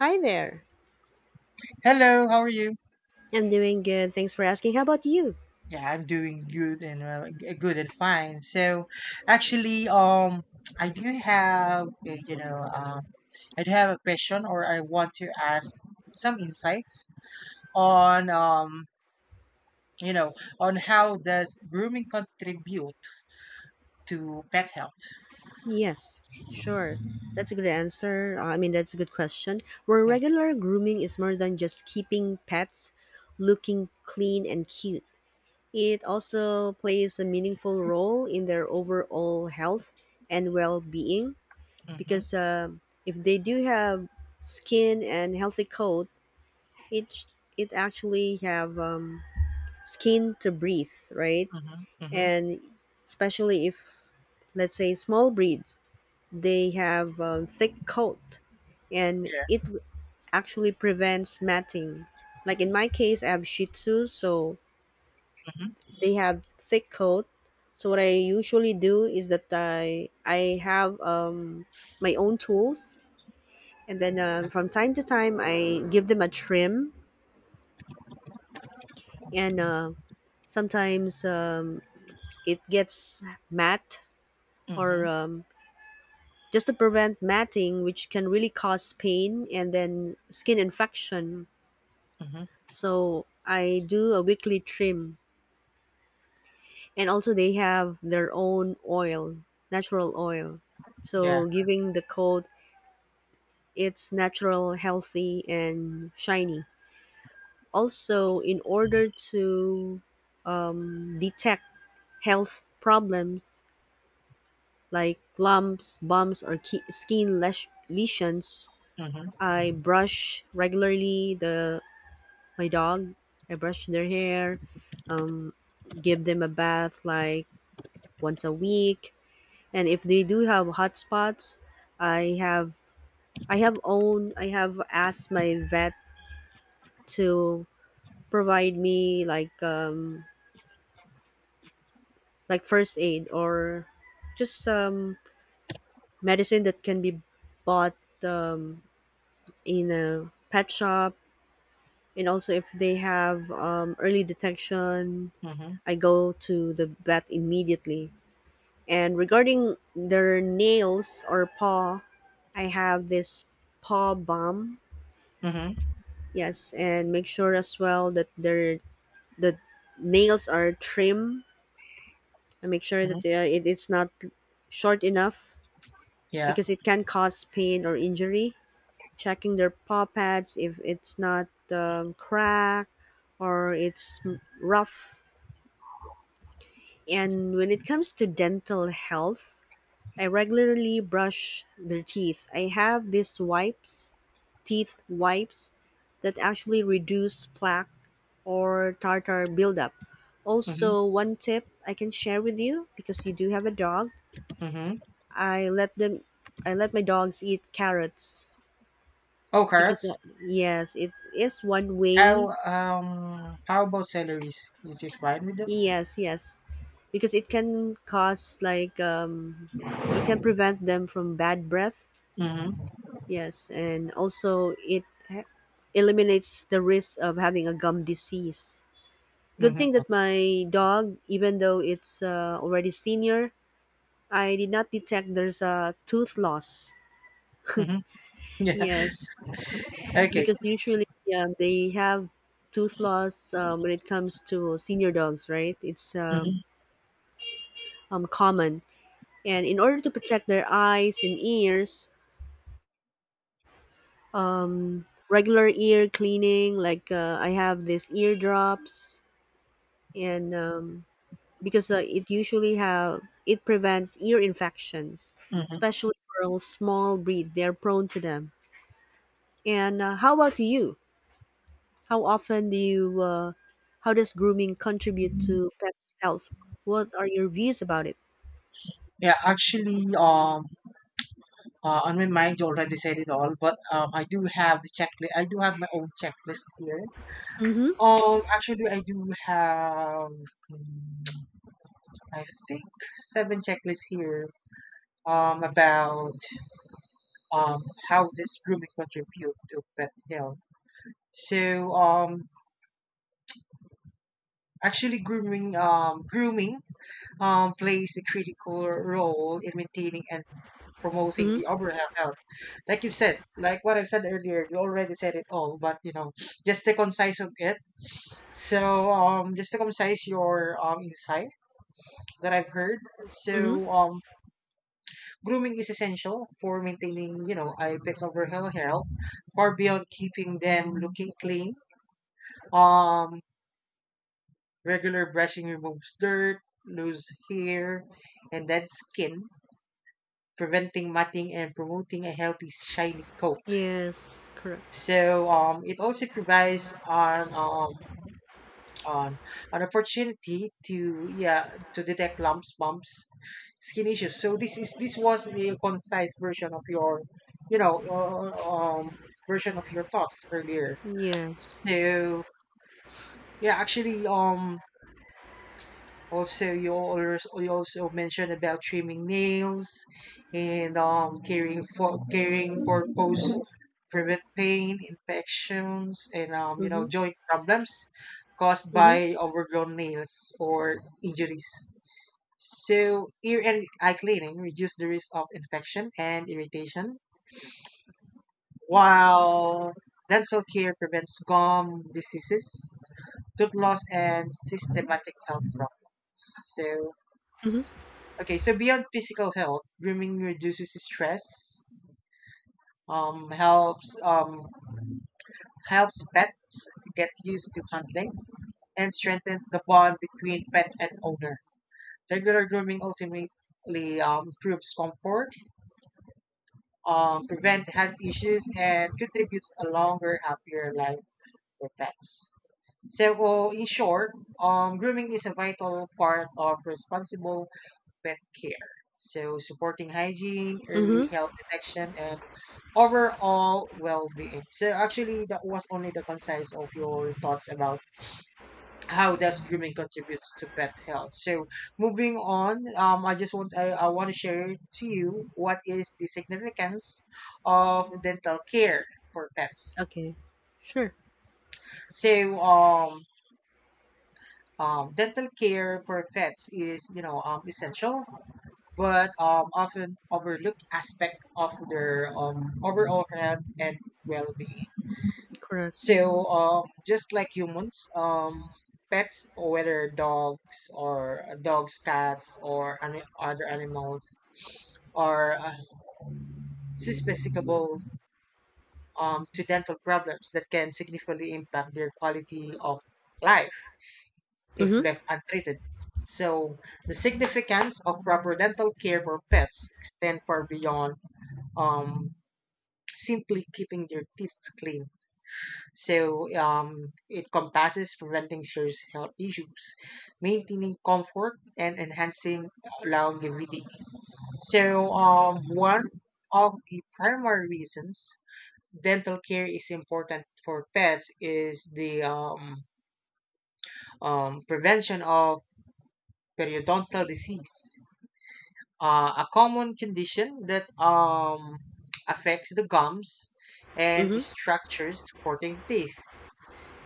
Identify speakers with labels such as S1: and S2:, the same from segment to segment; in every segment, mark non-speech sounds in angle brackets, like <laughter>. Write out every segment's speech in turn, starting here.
S1: Hi there.
S2: Hello, how are you?
S1: I'm doing good. Thanks for asking. How about you?
S2: Yeah, I'm doing good and good and fine. So, actually, <tsk> I do have a, you know, um, I do have a question, or I want to ask some insights on you know, on how does grooming contribute to pet health?
S1: Yes, sure. That's a good answer. That's a good question. Where
S2: Thank
S1: regular grooming is more than just keeping pets looking clean and cute, it also plays a meaningful role in their overall health and well being
S2: you. Mm-hmm.
S1: because if they do have skin and healthy coat, it, it actually have skin to breathe, right?
S2: Mm-hmm. Mm-hmm.
S1: And especially if, let's say, small breeds, they have a thick coat and
S2: Yeah.
S1: it actually prevents matting. Like in my case, I have shih tzu, so
S2: Mm-hmm.
S1: they have thick coat. So what I usually do is that i have my own tools, and then from time to time I give them a trim, and sometimes it gets matte,
S2: Mm-hmm.
S1: or just to prevent matting, which can really cause pain and then skin infection.
S2: Mm-hmm.
S1: So I do a weekly trim, and also they have their own oil, natural oil.
S2: Yeah.
S1: So giving the coat, it's natural, healthy, and shiny. Also, in order to detect health problems like lumps, bumps, or skin lesions,
S2: Mm-hmm.
S1: I brush regularly the my dog. I brush their hair, um, give them a bath like once a week, and if they do have hot spots, I have I have asked my vet to provide me like first aid, or just medicine that can be bought um, in a pet shop. And also if they have early detection,
S2: Mm-hmm.
S1: I go to the vet immediately. And regarding their nails or paw, I have this paw balm.
S2: Mm-hmm.
S1: Yes, and make sure as well that the nails are trim. And make sure
S2: Mm-hmm.
S1: that it's not short enough
S2: Yeah.
S1: because it can cause pain or injury. Checking their paw pads if it's not cracked or it's rough. And when it comes to dental health, I regularly brush their teeth. I have these wipes, teeth wipes, that actually reduce plaque or tartar buildup.
S2: Mm-hmm.
S1: Also, one tip I can share with you because you do have a dog.
S2: Mm-hmm.
S1: I let them, I let my dogs eat carrots
S2: Oh,
S1: because
S2: carrots.
S1: yes, it is one
S2: How
S1: way.
S2: um how about salaries? Is it fine with them?
S1: Yes, yes, because it can cause like it can prevent them from bad breath.
S2: Mm-hmm.
S1: Yes, and also eliminates the risk of having a gum disease. Good thing
S2: Mm-hmm.
S1: that my dog, even though it's already senior, I did not detect there's a tooth loss.
S2: Mm-hmm. <laughs> Yeah.
S1: Yes,
S2: Okay.
S1: because usually yeah, they have tooth loss when it comes to senior dogs, right? It's
S2: Mm-hmm.
S1: common. And in order to protect their eyes and ears, regular ear cleaning, like I have these ear drops, and because it usually have it prevents ear infections,
S2: Mm-hmm.
S1: especially for small breeds. They're prone to them. And how about you? How often do you? How does grooming contribute to pet health? What are your views about it?
S2: Yeah. Actually, on my mind you already said it all, but I do have the checklist. I do have my own checklist here.
S1: Mm-hmm.
S2: Actually, I do have, mm, I think, seven checklists here. About um how does grooming contribute to pet health? So um, Actually, grooming plays a critical role in maintaining and promoting
S1: Mm-hmm.
S2: the overall health. Like you said, like what I've said earlier, you already said it all, but you know, just the concise of it. So, just to concise your insight that I've heard.
S1: Mm-hmm.
S2: So, grooming is essential for maintaining, a pet's overall health, far beyond keeping them looking clean. Um, Regular brushing removes dirt, loose hair, and dead skin, preventing matting and promoting a healthy shiny coat.
S1: Yes. Correct.
S2: It also provides an an, an opportunity to, yeah, to detect lumps, bumps, skin issues. So, this was a concise version of your you know uh, uh, um version of your thoughts earlier.
S1: Yes.
S2: So, yeah, actually, also, you also mentioned about trimming nails and caring for post, prevent pain, infections, and
S1: Mm-hmm.
S2: joint problems caused
S1: Mm-hmm.
S2: by overgrown nails or injuries. So, ear and eye cleaning reduce the risk of infection and irritation, while dental care prevents gum diseases, tooth loss, and systematic health problems. So
S1: Mm-hmm.
S2: Okay, so beyond physical health, grooming reduces stress, helps helps pets get used to handling, and strengthens the bond between pet and owner. Regular grooming ultimately improves comfort, prevent health issues, and contributes a longer, happier life for pets. So, in short, grooming is a vital part of responsible pet care. So, supporting hygiene,
S1: Mm-hmm.
S2: early health detection, and overall well-being. So actually, that was only the concise of your thoughts about how does grooming contributes to pet health. So, moving on, I just want I want to share to you what is the significance of dental care for pets.
S1: Okay. Sure.
S2: So um. Dental care for pets is, you know, essential, but often overlooked aspect of their overall health and well-being.
S1: Correct.
S2: So, just like humans, pets, whether dogs, cats, or any other animals, are susceptible, to dental problems that can significantly impact their quality of life if
S1: Mm-hmm.
S2: left untreated. So, the significance of proper dental care for pets extend far beyond, um, simply keeping their teeth clean. It encompasses preventing serious health issues, maintaining comfort, and enhancing longevity. One of the primary reasons dental care is important for pets is the prevention of periodontal disease, a common condition that, affects the gums and
S1: Mm-hmm.
S2: structures supporting the teeth.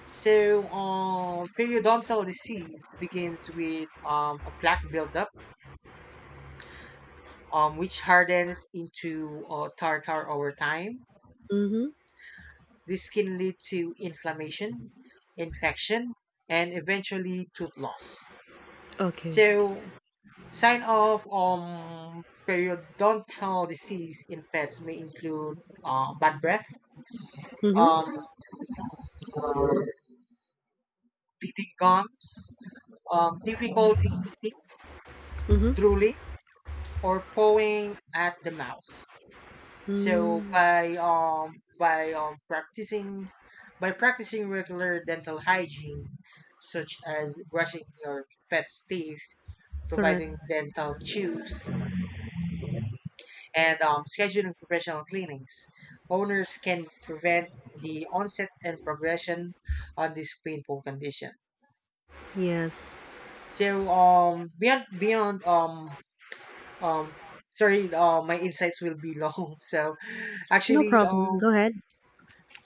S2: So, periodontal disease begins with, a plaque buildup, which hardens into tartar over time.
S1: Mm-hmm.
S2: This can lead to inflammation, infection, and eventually tooth loss.
S1: Okay.
S2: So, sign of periodontal disease in pets may include bad breath,
S1: Mm-hmm.
S2: um, bleeding gums, difficulty eating,
S1: Mm-hmm.
S2: drooling, or pawing at the mouth. So,
S1: Mm-hmm.
S2: by practicing regular dental hygiene, such as brushing your pet's teeth,
S1: Correct.
S2: providing dental chews, and scheduling professional cleanings, owners can prevent the onset and progression on this painful condition.
S1: Yes.
S2: So beyond beyond um Sorry, my insights will be long. <laughs> So
S1: No
S2: actually,
S1: problem. Go ahead.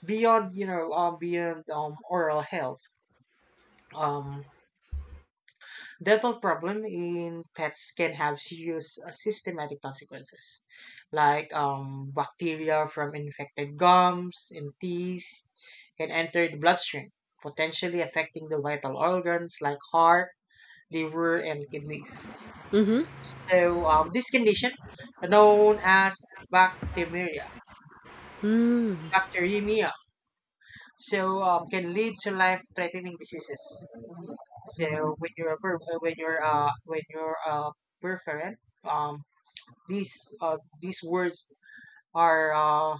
S2: beyond you know beyond oral health, um, dental problem in pets can have serious, systematic consequences, like, bacteria from infected gums and teeth can enter the bloodstream, potentially affecting the vital organs like heart, liver, and kidneys.
S1: Mhm.
S2: So, this condition, known as bacteremia,
S1: Mm.
S2: bacteremia, so, can lead to life-threatening diseases. So when you're perforant, um these uh these words are uh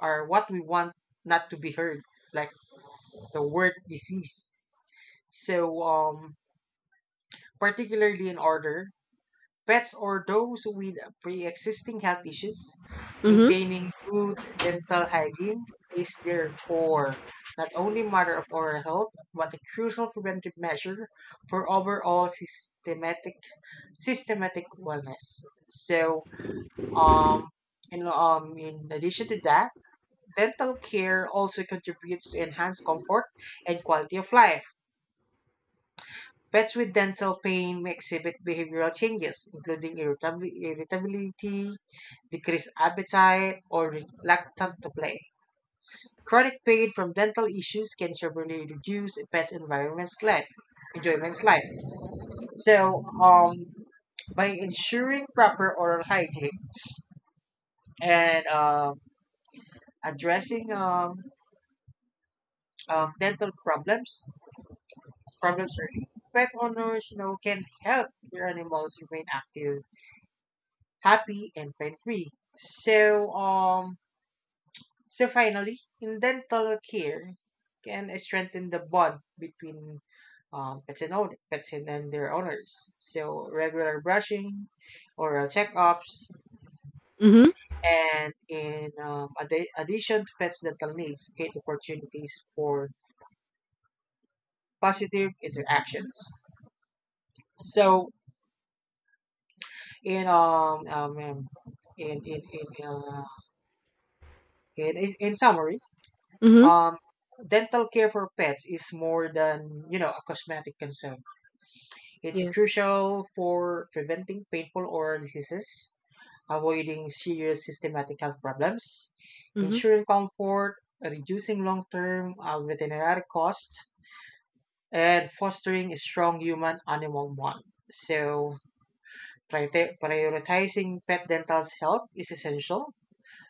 S2: are what we want not to be heard, like the word disease. So, particularly in order pets or those with pre-existing health issues,
S1: Mm-hmm.
S2: maintaining good dental hygiene is therefore not only a matter of oral health but a crucial preventive measure for overall systematic wellness. So, um and in addition to that, dental care also contributes to enhanced comfort and quality of life. Pets with dental pain may exhibit behavioral changes, including irritability, decreased appetite, or reluctance to play. Chronic pain from dental issues can severely reduce a pet's environment's life, enjoyment's life. So, by ensuring proper oral hygiene and, addressing, dental problems early, pet owners, you know, can help their animals remain active, happy, and pain free. So um Finally, in dental care can strengthen the bond between, pets and then their owners. So, regular brushing, oral checkups,
S1: Mm-hmm.
S2: and in, addition to pets' dental needs, create opportunities for positive interactions. So, in um, um um, in in in uh, in summary,
S1: Mm-hmm.
S2: Um, dental care for pets is more than, you know, a cosmetic concern. It's
S1: Yes.
S2: crucial for preventing painful oral diseases, avoiding serious systematic health problems,
S1: Mm-hmm.
S2: ensuring comfort, reducing long-term, veterinary costs, and fostering a strong human-animal bond. So, prioritizing pet dental's health is essential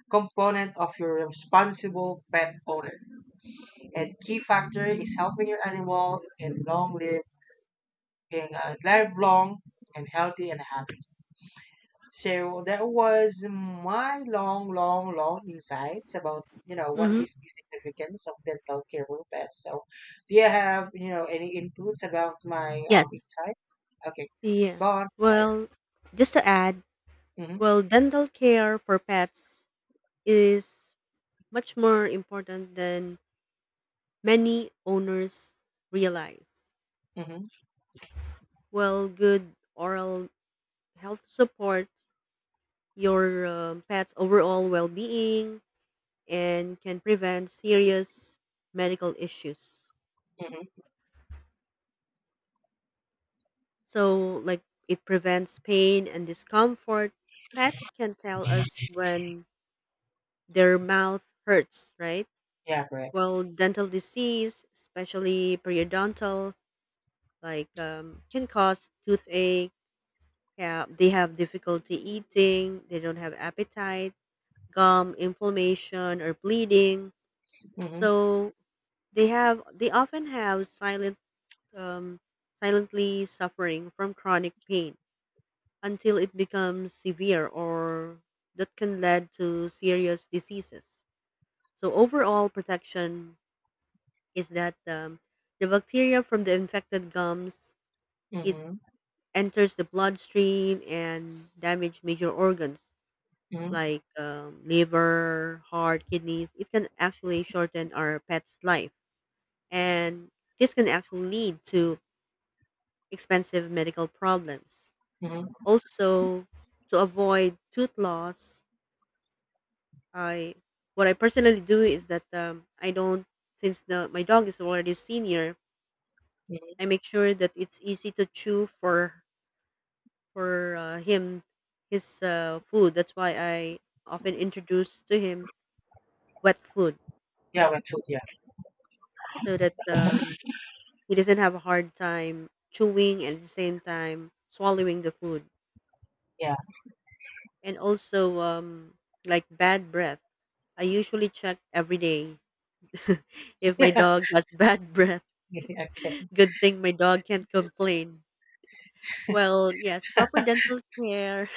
S2: component of your responsible pet owner. And key factor is helping your animal and long live and, live long and healthy and happy. So that was my long, long, long insights about, you know, what
S1: Mm-hmm.
S2: is the significance of dental care for pets. So, do you have, you know, any inputs about my
S1: Yes.
S2: insights? Okay,
S1: Yes.
S2: go on. Yeah, yeah.
S1: Well, just to add,
S2: Mhm,
S1: well, dental care for pets is much more important than many owners realize.
S2: mhm,
S1: Well, good oral health support your pet's overall well-being and can prevent serious medical issues.
S2: mhm.
S1: So, like, it prevents pain and discomfort. Pets can tell us when their mouth hurts, right?
S2: Yeah, correct.
S1: Well, dental disease, especially periodontal, like, can cause toothache. Yeah, they have difficulty eating, they don't have appetite, gum inflammation or bleeding.
S2: Mhm,
S1: So they often have um, silently suffering from chronic pain until it becomes severe, or that can lead to serious diseases. So overall protection is that the bacteria from the infected gums, it
S2: mhm,
S1: enters the bloodstream and damage major organs
S2: mhm,
S1: like liver, heart, kidneys. It can actually shorten our pet's life, and this can actually lead to expensive medical problems.
S2: mhm,
S1: Also, to avoid tooth loss, I what I personally do is that I don't, since the my dog is already senior, I
S2: mhm.
S1: make sure that it's easy to chew for him, his food. That's why I often introduce to him wet food,
S2: Yeah, with food. Yeah,
S1: so that he doesn't have a hard time chewing and at the same time swallowing the food.
S2: yeah.
S1: And also like bad breath. I usually check every day <laughs> if my
S2: <laughs>
S1: dog has <laughs> bad breath.
S2: Okay.
S1: Good thing my dog can't complain. Well, yes, proper dental care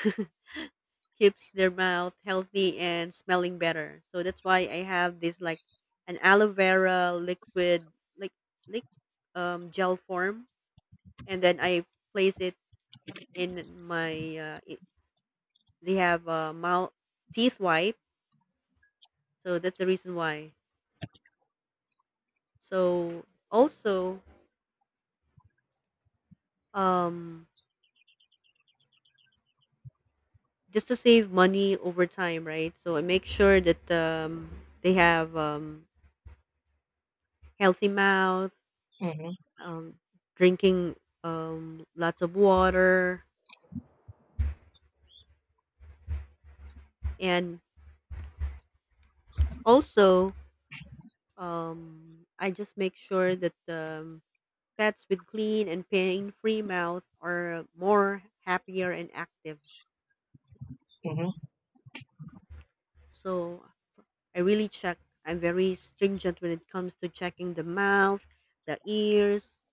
S1: <laughs> keeps their mouth healthy and smelling better. So that's why I have this like an aloe vera liquid, like like gel form, and then I place it in my. They have mouth teeth white, so that's the reason why. So also, um, just to save money over time, right? So I make sure that they have healthy mouth,
S2: Mhm,
S1: um, drinking lots of water, and also I just make sure that pets with clean and pain-free mouth are more happier and active.
S2: mhm.
S1: So I really check. I'm very stringent when it comes to checking the mouth, the ears.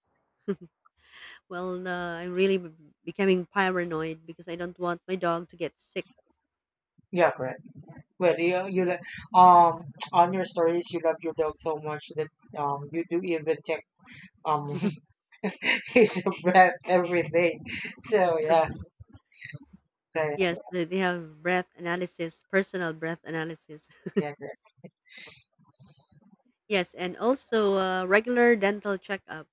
S1: Well, I'm really becoming paranoid because I don't want my dog to get sick.
S2: Yeah, correct. Well, um <tsk> on your stories, you love your dog so much that you do even check um <laughs> his breath, everything. So yeah,
S1: <laughs>
S2: so yeah, so,
S1: Yes, they have breath analysis, personal breath analysis. <laughs>
S2: yeah, yeah.
S1: Yes, and also regular dental checkup,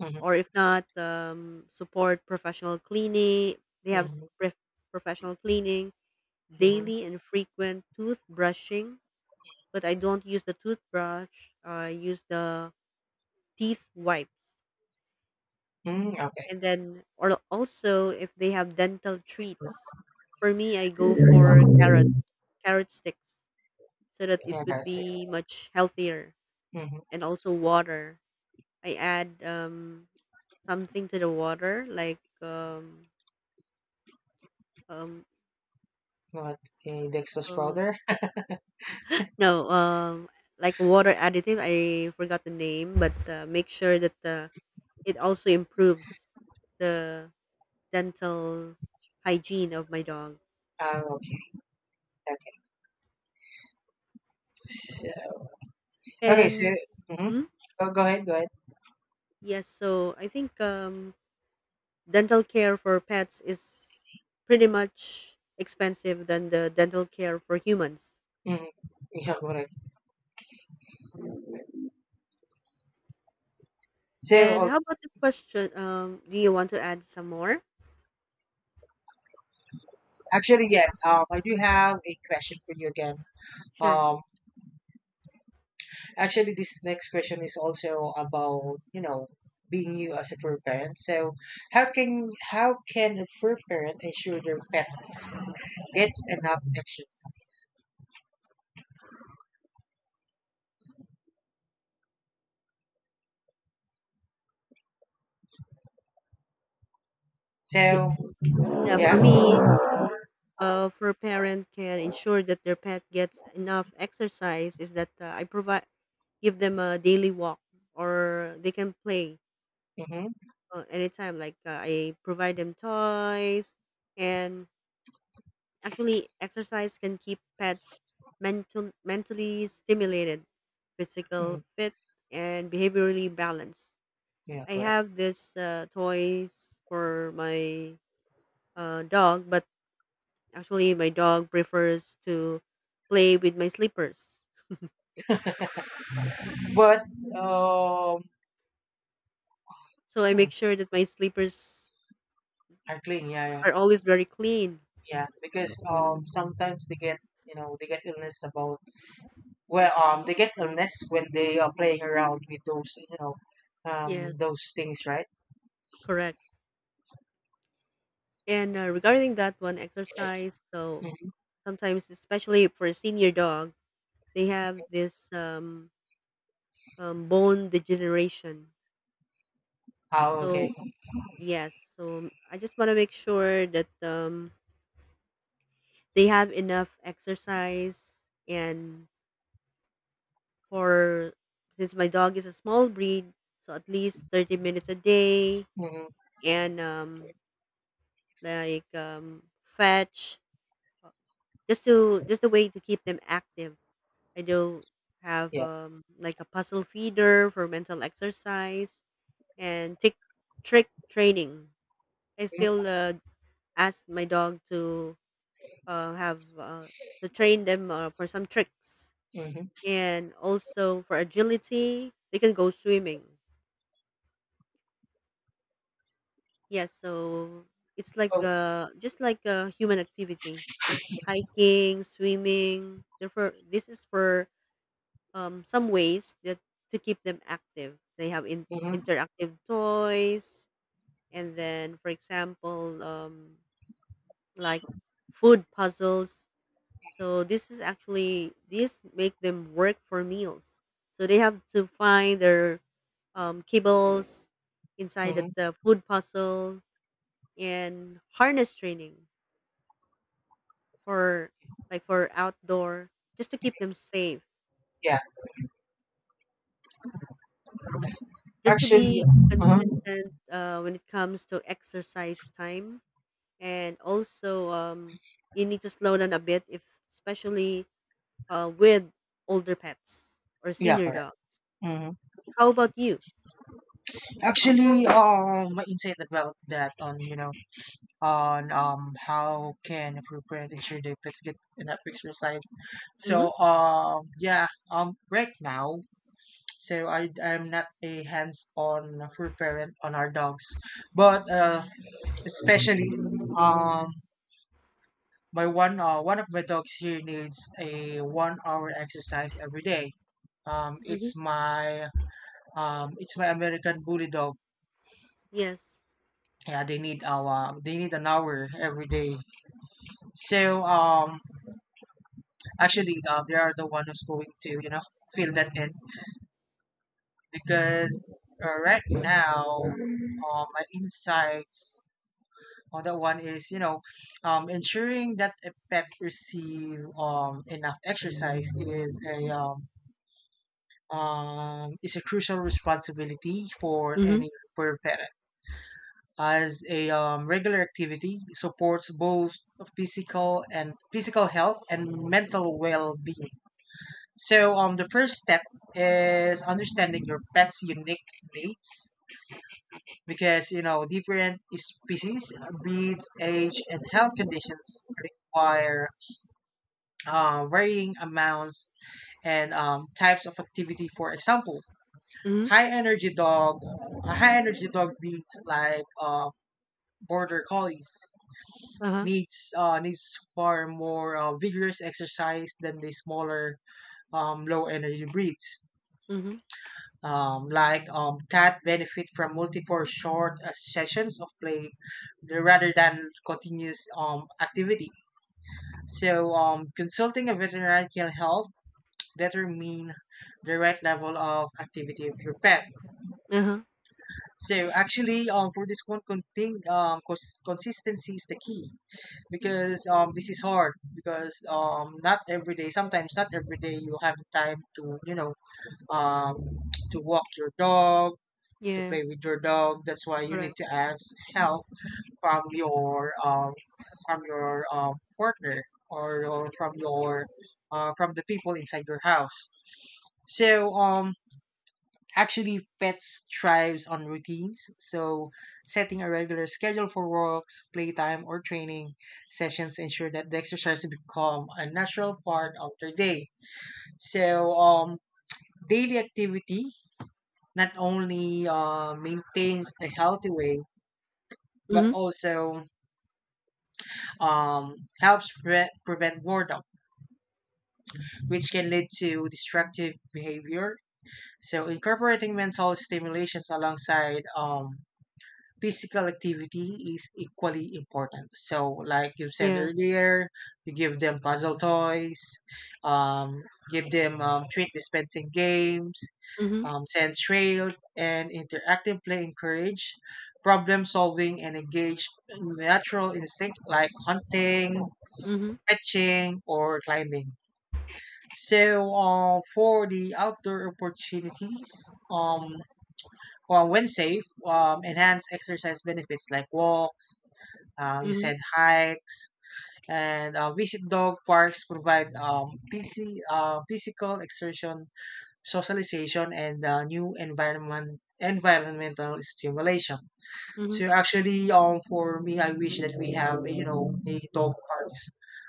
S2: Mm-hmm,
S1: or if not, support professional cleaning. They have
S2: mm-hmm,
S1: professional cleaning,
S2: mm-hmm.
S1: daily and frequent toothbrushing. But I don't use the toothbrush. I use the teeth wipes,
S2: Mm, okay,
S1: and then or also if they have dental treats. For me, I go for carrots, carrot sticks, so that it
S2: yeah,
S1: would
S2: that's
S1: be
S2: excellent.
S1: much healthier,
S2: Mm-hmm.
S1: and also water. I add something to the water like um
S2: What a Dexter's
S1: uh,
S2: brother?
S1: no, like water additive, I forgot the name, but make sure that it also improves the dental hygiene of my dog.
S2: Um, <laughs> okay, okay, so, okay. So,
S1: And
S2: mm-hmm,
S1: hmm?
S2: go, go ahead, go ahead.
S1: Yes, so I think dental care for pets is pretty much expensive than the dental care for humans.
S2: Mm-hmm. <laughs> Yeah, correct. So,
S1: And
S2: uh,
S1: how about the question, do you want to add some more?
S2: actually, yes. I do have a question for you again.
S1: Sure.
S2: Um, Actually, this next question is also about, you know, being you as a fur parent. So, how can a fur parent ensure their pet gets enough exercise?
S1: Yeah,
S2: So,
S1: yeah, for
S2: yeah,
S1: me, for a parent can ensure that their pet gets enough exercise is that I provide, give them a daily walk, or they can play
S2: mm-hmm,
S1: anytime. Like I provide them toys, and actually exercise can keep pets mentally stimulated, physical
S2: mm,
S1: fit, and behaviorally balanced.
S2: yeah,
S1: I
S2: correct.
S1: have this toys for my dog, but actually, my dog prefers to play with my slippers.
S2: But um,
S1: So I
S2: hmm,
S1: make sure that my slippers
S2: I clean, yeah, yeah,
S1: are always very clean.
S2: yeah, because sometimes they get, you know, they get illness when they are playing around with those, you know,
S1: Yes,
S2: those things, right.
S1: correct. And regarding that one exercise, so
S2: Mm-hmm.
S1: sometimes, especially for a senior dog, they have this bone degeneration.
S2: Oh,
S1: So
S2: okay.
S1: yes, so I just want to make sure that they have enough exercise. And for, since my dog is a small breed, so at least 30 minutes a day,
S2: Mm-hmm.
S1: and like fetch, uh, just to just a way to keep them active. I do have
S2: Yeah.
S1: like a puzzle feeder for mental exercise and tick trick training. I still ask my dog to have to train them for some tricks,
S2: Mm-hmm.
S1: and also for agility they can go swimming. Yes, so it's like
S2: Oh,
S1: just like a human activity, hiking, swimming. Therefore, this is for some ways that to keep them active. They have
S2: mm-hmm.
S1: interactive toys, and then for example, like food puzzles. So this is actually, this make them work for meals. So they have to find their kibbles inside
S2: Mm-hmm.
S1: the food puzzle and harness training, for like for outdoor, just to keep them safe,
S2: Yeah.
S1: just to
S2: Actually,
S1: be
S2: uh-huh.
S1: consistent when it comes to exercise time. And also you need to slow down a bit if especially with older pets or
S2: Yeah,
S1: senior
S2: correct.
S1: dogs.
S2: Mm-hmm.
S1: How about you?
S2: Actually, my insight about that on, you know, on how can appropriate ensure their pets get enough exercise.
S1: Mm-hmm.
S2: So, yeah, right now, so I'm not a hands-on fur parent on our dogs, but especially um. My one of my dogs here needs a 1 hour exercise every day. Um,
S1: Mm-hmm.
S2: it's my it's my American Bully Dog.
S1: Yes.
S2: Yeah, they need an hour every day. So um, Actually, they are the one who's going to, you know, fill that in, because right now, my insights on that one is, you know, ensuring that a pet receive enough exercise is a, is a crucial responsibility for
S1: Mm-hmm.
S2: any for a pet, as a, regular activity supports both physical health and mental well-being. So, the first step is understanding your pet's unique needs, because, you know, different species, breeds, age, and health conditions require, varying amounts and, types of activity. For example,
S1: Mm-hmm.
S2: high energy dog, a high energy dog breeds like, border collies
S1: Uh-huh.
S2: needs far more, vigorous exercise than the smaller, low energy breeds.
S1: Mm-hmm.
S2: Like, cat benefit from multiple short, sessions of play rather than continuous, activity. So, consulting a veterinarian can help determine the right level of activity of your pet.
S1: Uh-huh.
S2: So actually, for this one, consistency is the key. Because this is hard because not every day, sometimes not every day you have the time to um to walk your dog, to
S1: Yeah,
S2: play with your dog. That's why you
S1: correct.
S2: need to ask help from your um from your partner, or from your from the people inside your house. So actually, pets thrives on routines, so setting a regular schedule for walks, playtime, or training sessions ensure that the exercise become a natural part of their day. So daily activity not only maintains a healthy weight, but
S1: Mm-hmm.
S2: also um, helps prevent boredom, which can lead to destructive behavior. So, incorporating mental stimulations alongside physical activity is equally important. So, like you said
S1: Yeah.
S2: earlier, you give them puzzle toys, um, give them treat dispensing games,
S1: Mm-hmm.
S2: send trails, and interactive play encourage problem solving and engage natural instinct like hunting,
S1: Mm-hmm.
S2: fetching, or climbing. So, for the outdoor opportunities, um, well, when safe, enhance exercise benefits like walks, you
S1: Mm-hmm.
S2: said hikes and visit dog parks provide physical exertion, socialization, and new environmental stimulation.
S1: Mm-hmm.
S2: So actually, for me, I wish that we have, you know, a dog parks,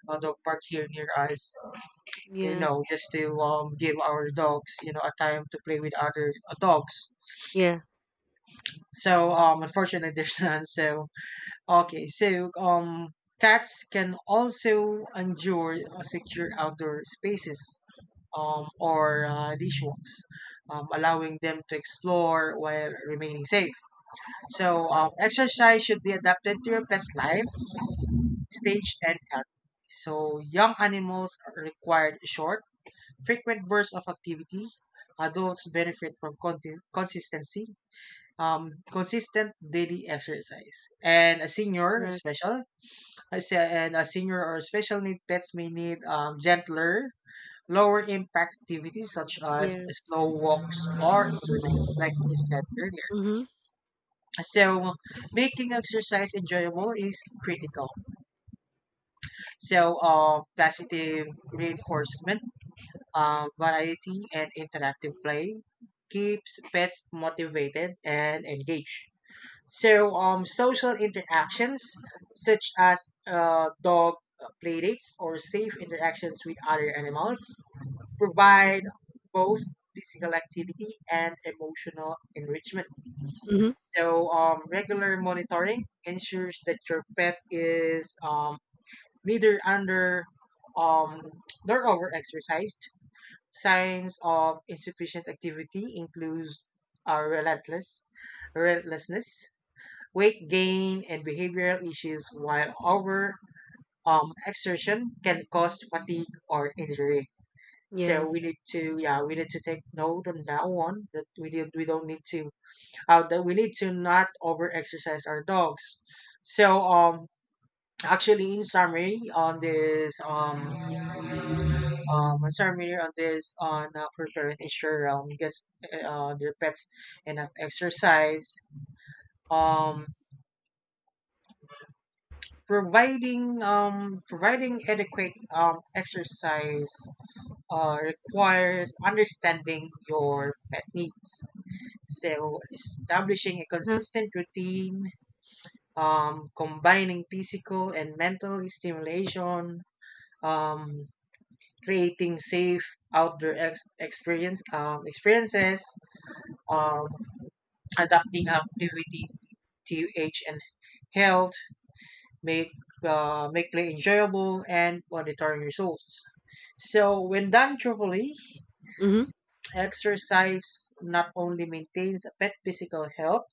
S2: a dog park here near us, you
S1: Yes.
S2: know, just to give our dogs, you know, a time to play with other dogs.
S1: Yeah,
S2: So unfortunately <laughs> there's none. So okay, so cats can also endure secure outdoor spaces, or leash walks, allowing them to explore while remaining safe. So exercise should be adapted to your pet's life, stage, and health. So young animals are required short, frequent bursts of activity. Adults benefit from consistency, consistent daily exercise, and a senior
S1: correct.
S2: special, I say, and a senior or special need pets may need gentler, lower impact activities such as
S1: Yes.
S2: slow walks or swimming, like we said earlier.
S1: Mm-hmm.
S2: So, making exercise enjoyable is critical. So, positive reinforcement, variety, and interactive play keeps pets motivated and engaged. So social interactions such as dog playdates or safe interactions with other animals provide both physical activity and emotional enrichment.
S1: Mm-hmm.
S2: So, regular monitoring ensures that your pet is neither under um, nor overexercised. Signs of insufficient activity include uh, relentless relentlessness, weight gain, and behavioral issues, while over exertion can cause fatigue or injury. So
S1: Yes.
S2: we need to, yeah, we need to take note on that one that we did, we don't need to, that we need to not over exercise our dogs. So actually, in summary, on this in summary on this on for parent ensure gets their pets enough exercise. Um, providing adequate exercise requires understanding your pet needs. So establishing a
S1: Uh-huh.
S2: consistent routine, combining physical and mental stimulation, um, creating safe outdoor experiences, um, adapting activity to age and health, make make play enjoyable, and monitoring results. So, when done thoroughly,
S1: Mm-hmm.
S2: exercise not only maintains a pet physical health,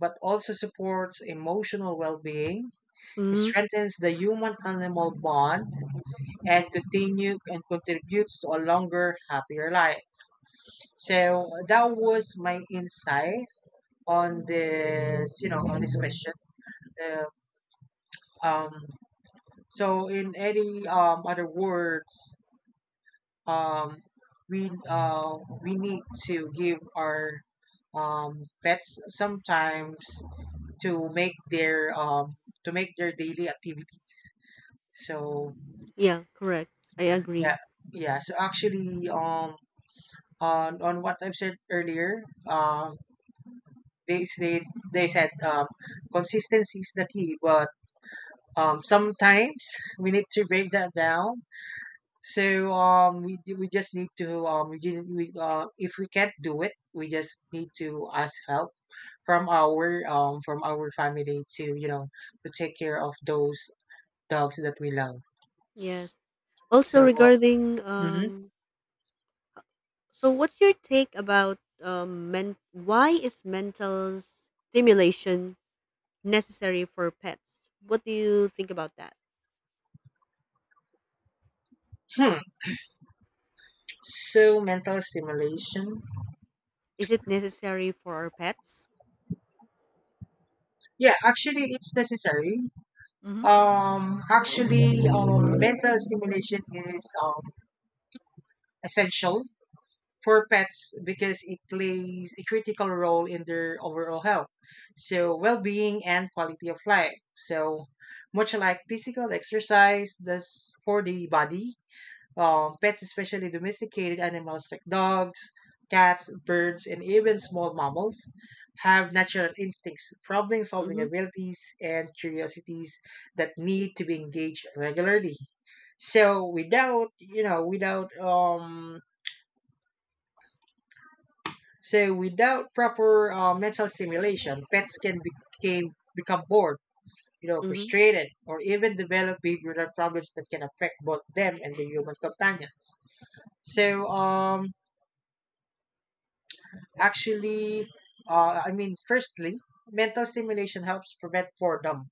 S2: but also supports emotional well-being,
S1: Mm-hmm.
S2: strengthens the human-animal bond, and contributes to a longer, happier life. So, that was my insight on this, you know, on this question. Uh, um, so, in any other words, um, we uh, we need to give our pets sometimes to make their um, to make their daily activities. So
S1: Yeah, correct. I agree.
S2: yeah, yeah. So actually, on what I've said earlier, they said they said um, consistency is the key, but sometimes we need to break that down. So we we just need to we, if we can't do it, we just need to ask help from our family to, you know, to take care of those dogs that we love.
S1: Yes. Also
S2: So
S1: regarding
S2: mhm.
S1: so what's your take about why is mental stimulation necessary for pets? What do you think about that?
S2: Hmm, so mental stimulation.
S1: Is it necessary for our pets?
S2: Yeah, actually, it's necessary.
S1: Hmm.
S2: Mental stimulation is essential for pets because it plays a critical role in their overall health, so well-being and quality of life. So much like physical exercise does for the body, pets, especially domesticated animals like dogs, cats, birds, and even small mammals, have natural instincts, problem-solving
S1: Mhm.
S2: abilities, and curiosities that need to be engaged regularly. So without, you know, without so without proper mental stimulation, pets can become bored, you know,
S1: Mhm.
S2: frustrated, or even develop behavioral problems that can affect both them and the human companions. So um, actually, I mean, firstly, mental stimulation helps prevent boredom.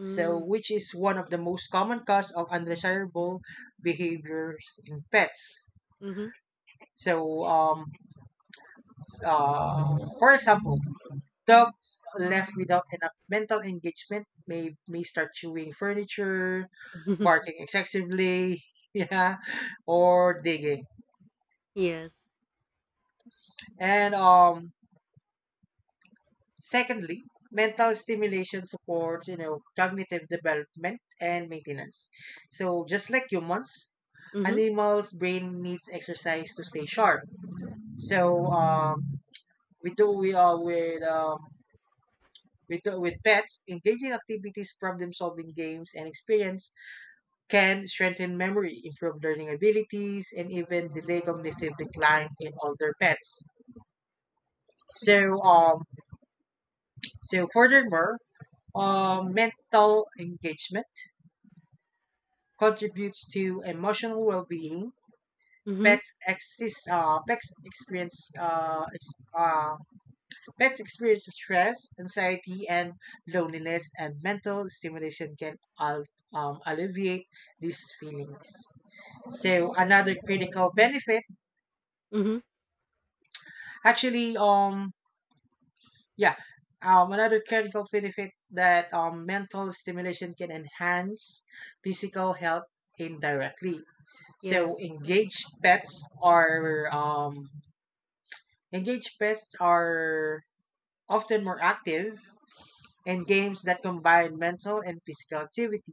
S2: So, which is one of the most common cause of undesirable behaviors in pets.
S1: Mhm.
S2: So, for example, dogs left without enough mental engagement may start chewing furniture, barking
S1: <laughs>
S2: excessively, <laughs> yeah, or digging.
S1: Yes.
S2: And secondly, mental stimulation supports, you know, cognitive development and maintenance. So just like humans,
S1: Mhm.
S2: animals' brain needs exercise to stay sharp. So we do we are with pets, engaging activities, problem solving games, and experience can strengthen memory, improve learning abilities, and even delay cognitive decline in older pets. So, um, so furthermore, mental engagement contributes to emotional well-being.
S1: Mhm.
S2: Pets exist, pets experience, ex- pets experience stress, anxiety, and loneliness, and mental stimulation can alleviate these feelings. So another critical benefit,
S1: Mhm.
S2: actually, yeah. Another critical benefit, that mental stimulation can enhance physical health indirectly.
S1: Yes.
S2: So engaged pets are often more active in games that combine mental and physical activity.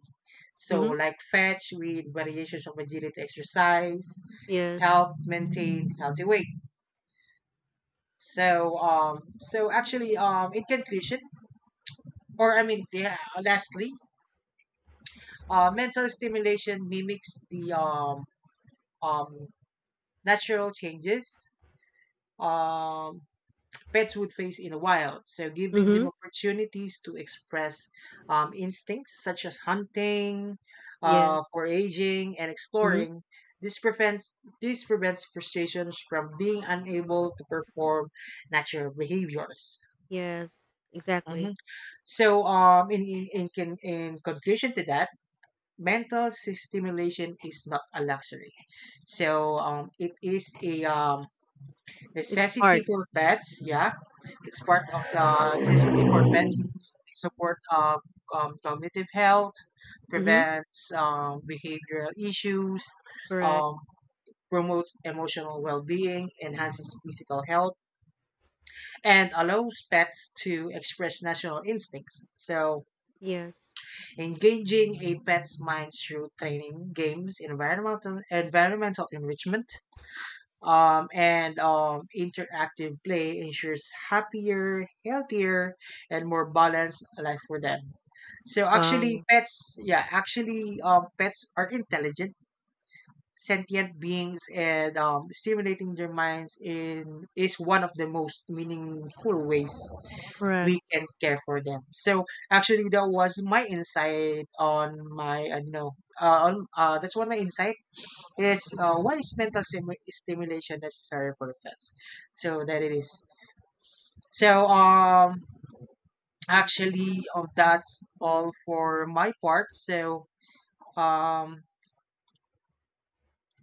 S2: So
S1: Mhm.
S2: like fetch with variations of agility exercise,
S1: Yes.
S2: help maintain healthy weight. So um so actually, in conclusion, or I mean, yeah, lastly, mental stimulation mimics the um, natural changes um, pets would face in the wild. So, giving them
S1: Mhm.
S2: opportunities to express instincts such as hunting,
S1: Yes.
S2: foraging, and
S1: Mhm.
S2: exploring. This prevents this prevents frustrations from being unable to perform natural behaviors.
S1: Yes. Exactly.
S2: Mhm. So, in conclusion to that, mental stimulation is not a luxury. So it is a
S1: It's
S2: necessity
S1: hard.
S2: for pets. Yeah, it's part of the necessity for pets. It support cognitive health,
S1: Mhm.
S2: prevents behavioral issues,
S1: Correct.
S2: um, promotes emotional well-being, enhances physical health, and allows pets to express natural instincts. So
S1: Yes.
S2: engaging a pet's mind through training, games, environmental enrichment, and interactive play ensures happier, healthier, and more balanced life for them. So actually,
S1: Wow.
S2: pets, yeah, actually, pets are intelligent sentient beings, and stimulating their minds in is one of the most meaningful ways
S1: Correct.
S2: we can care for them. So actually, that was my insight on my you know, on that's one of my insight is why is mental stimulation necessary for pets? So that it is. So actually, that's all for my part. So um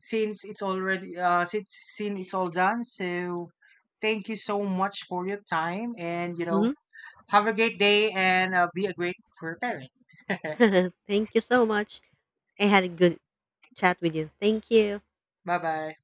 S2: since it's already since it's all done, so thank you so much for your time, and you know,
S1: Mhm.
S2: have a great day, and be a great for parent. <laughs>
S1: <laughs> Thank you so much. I had a good chat with you. Thank you.
S2: Bye bye.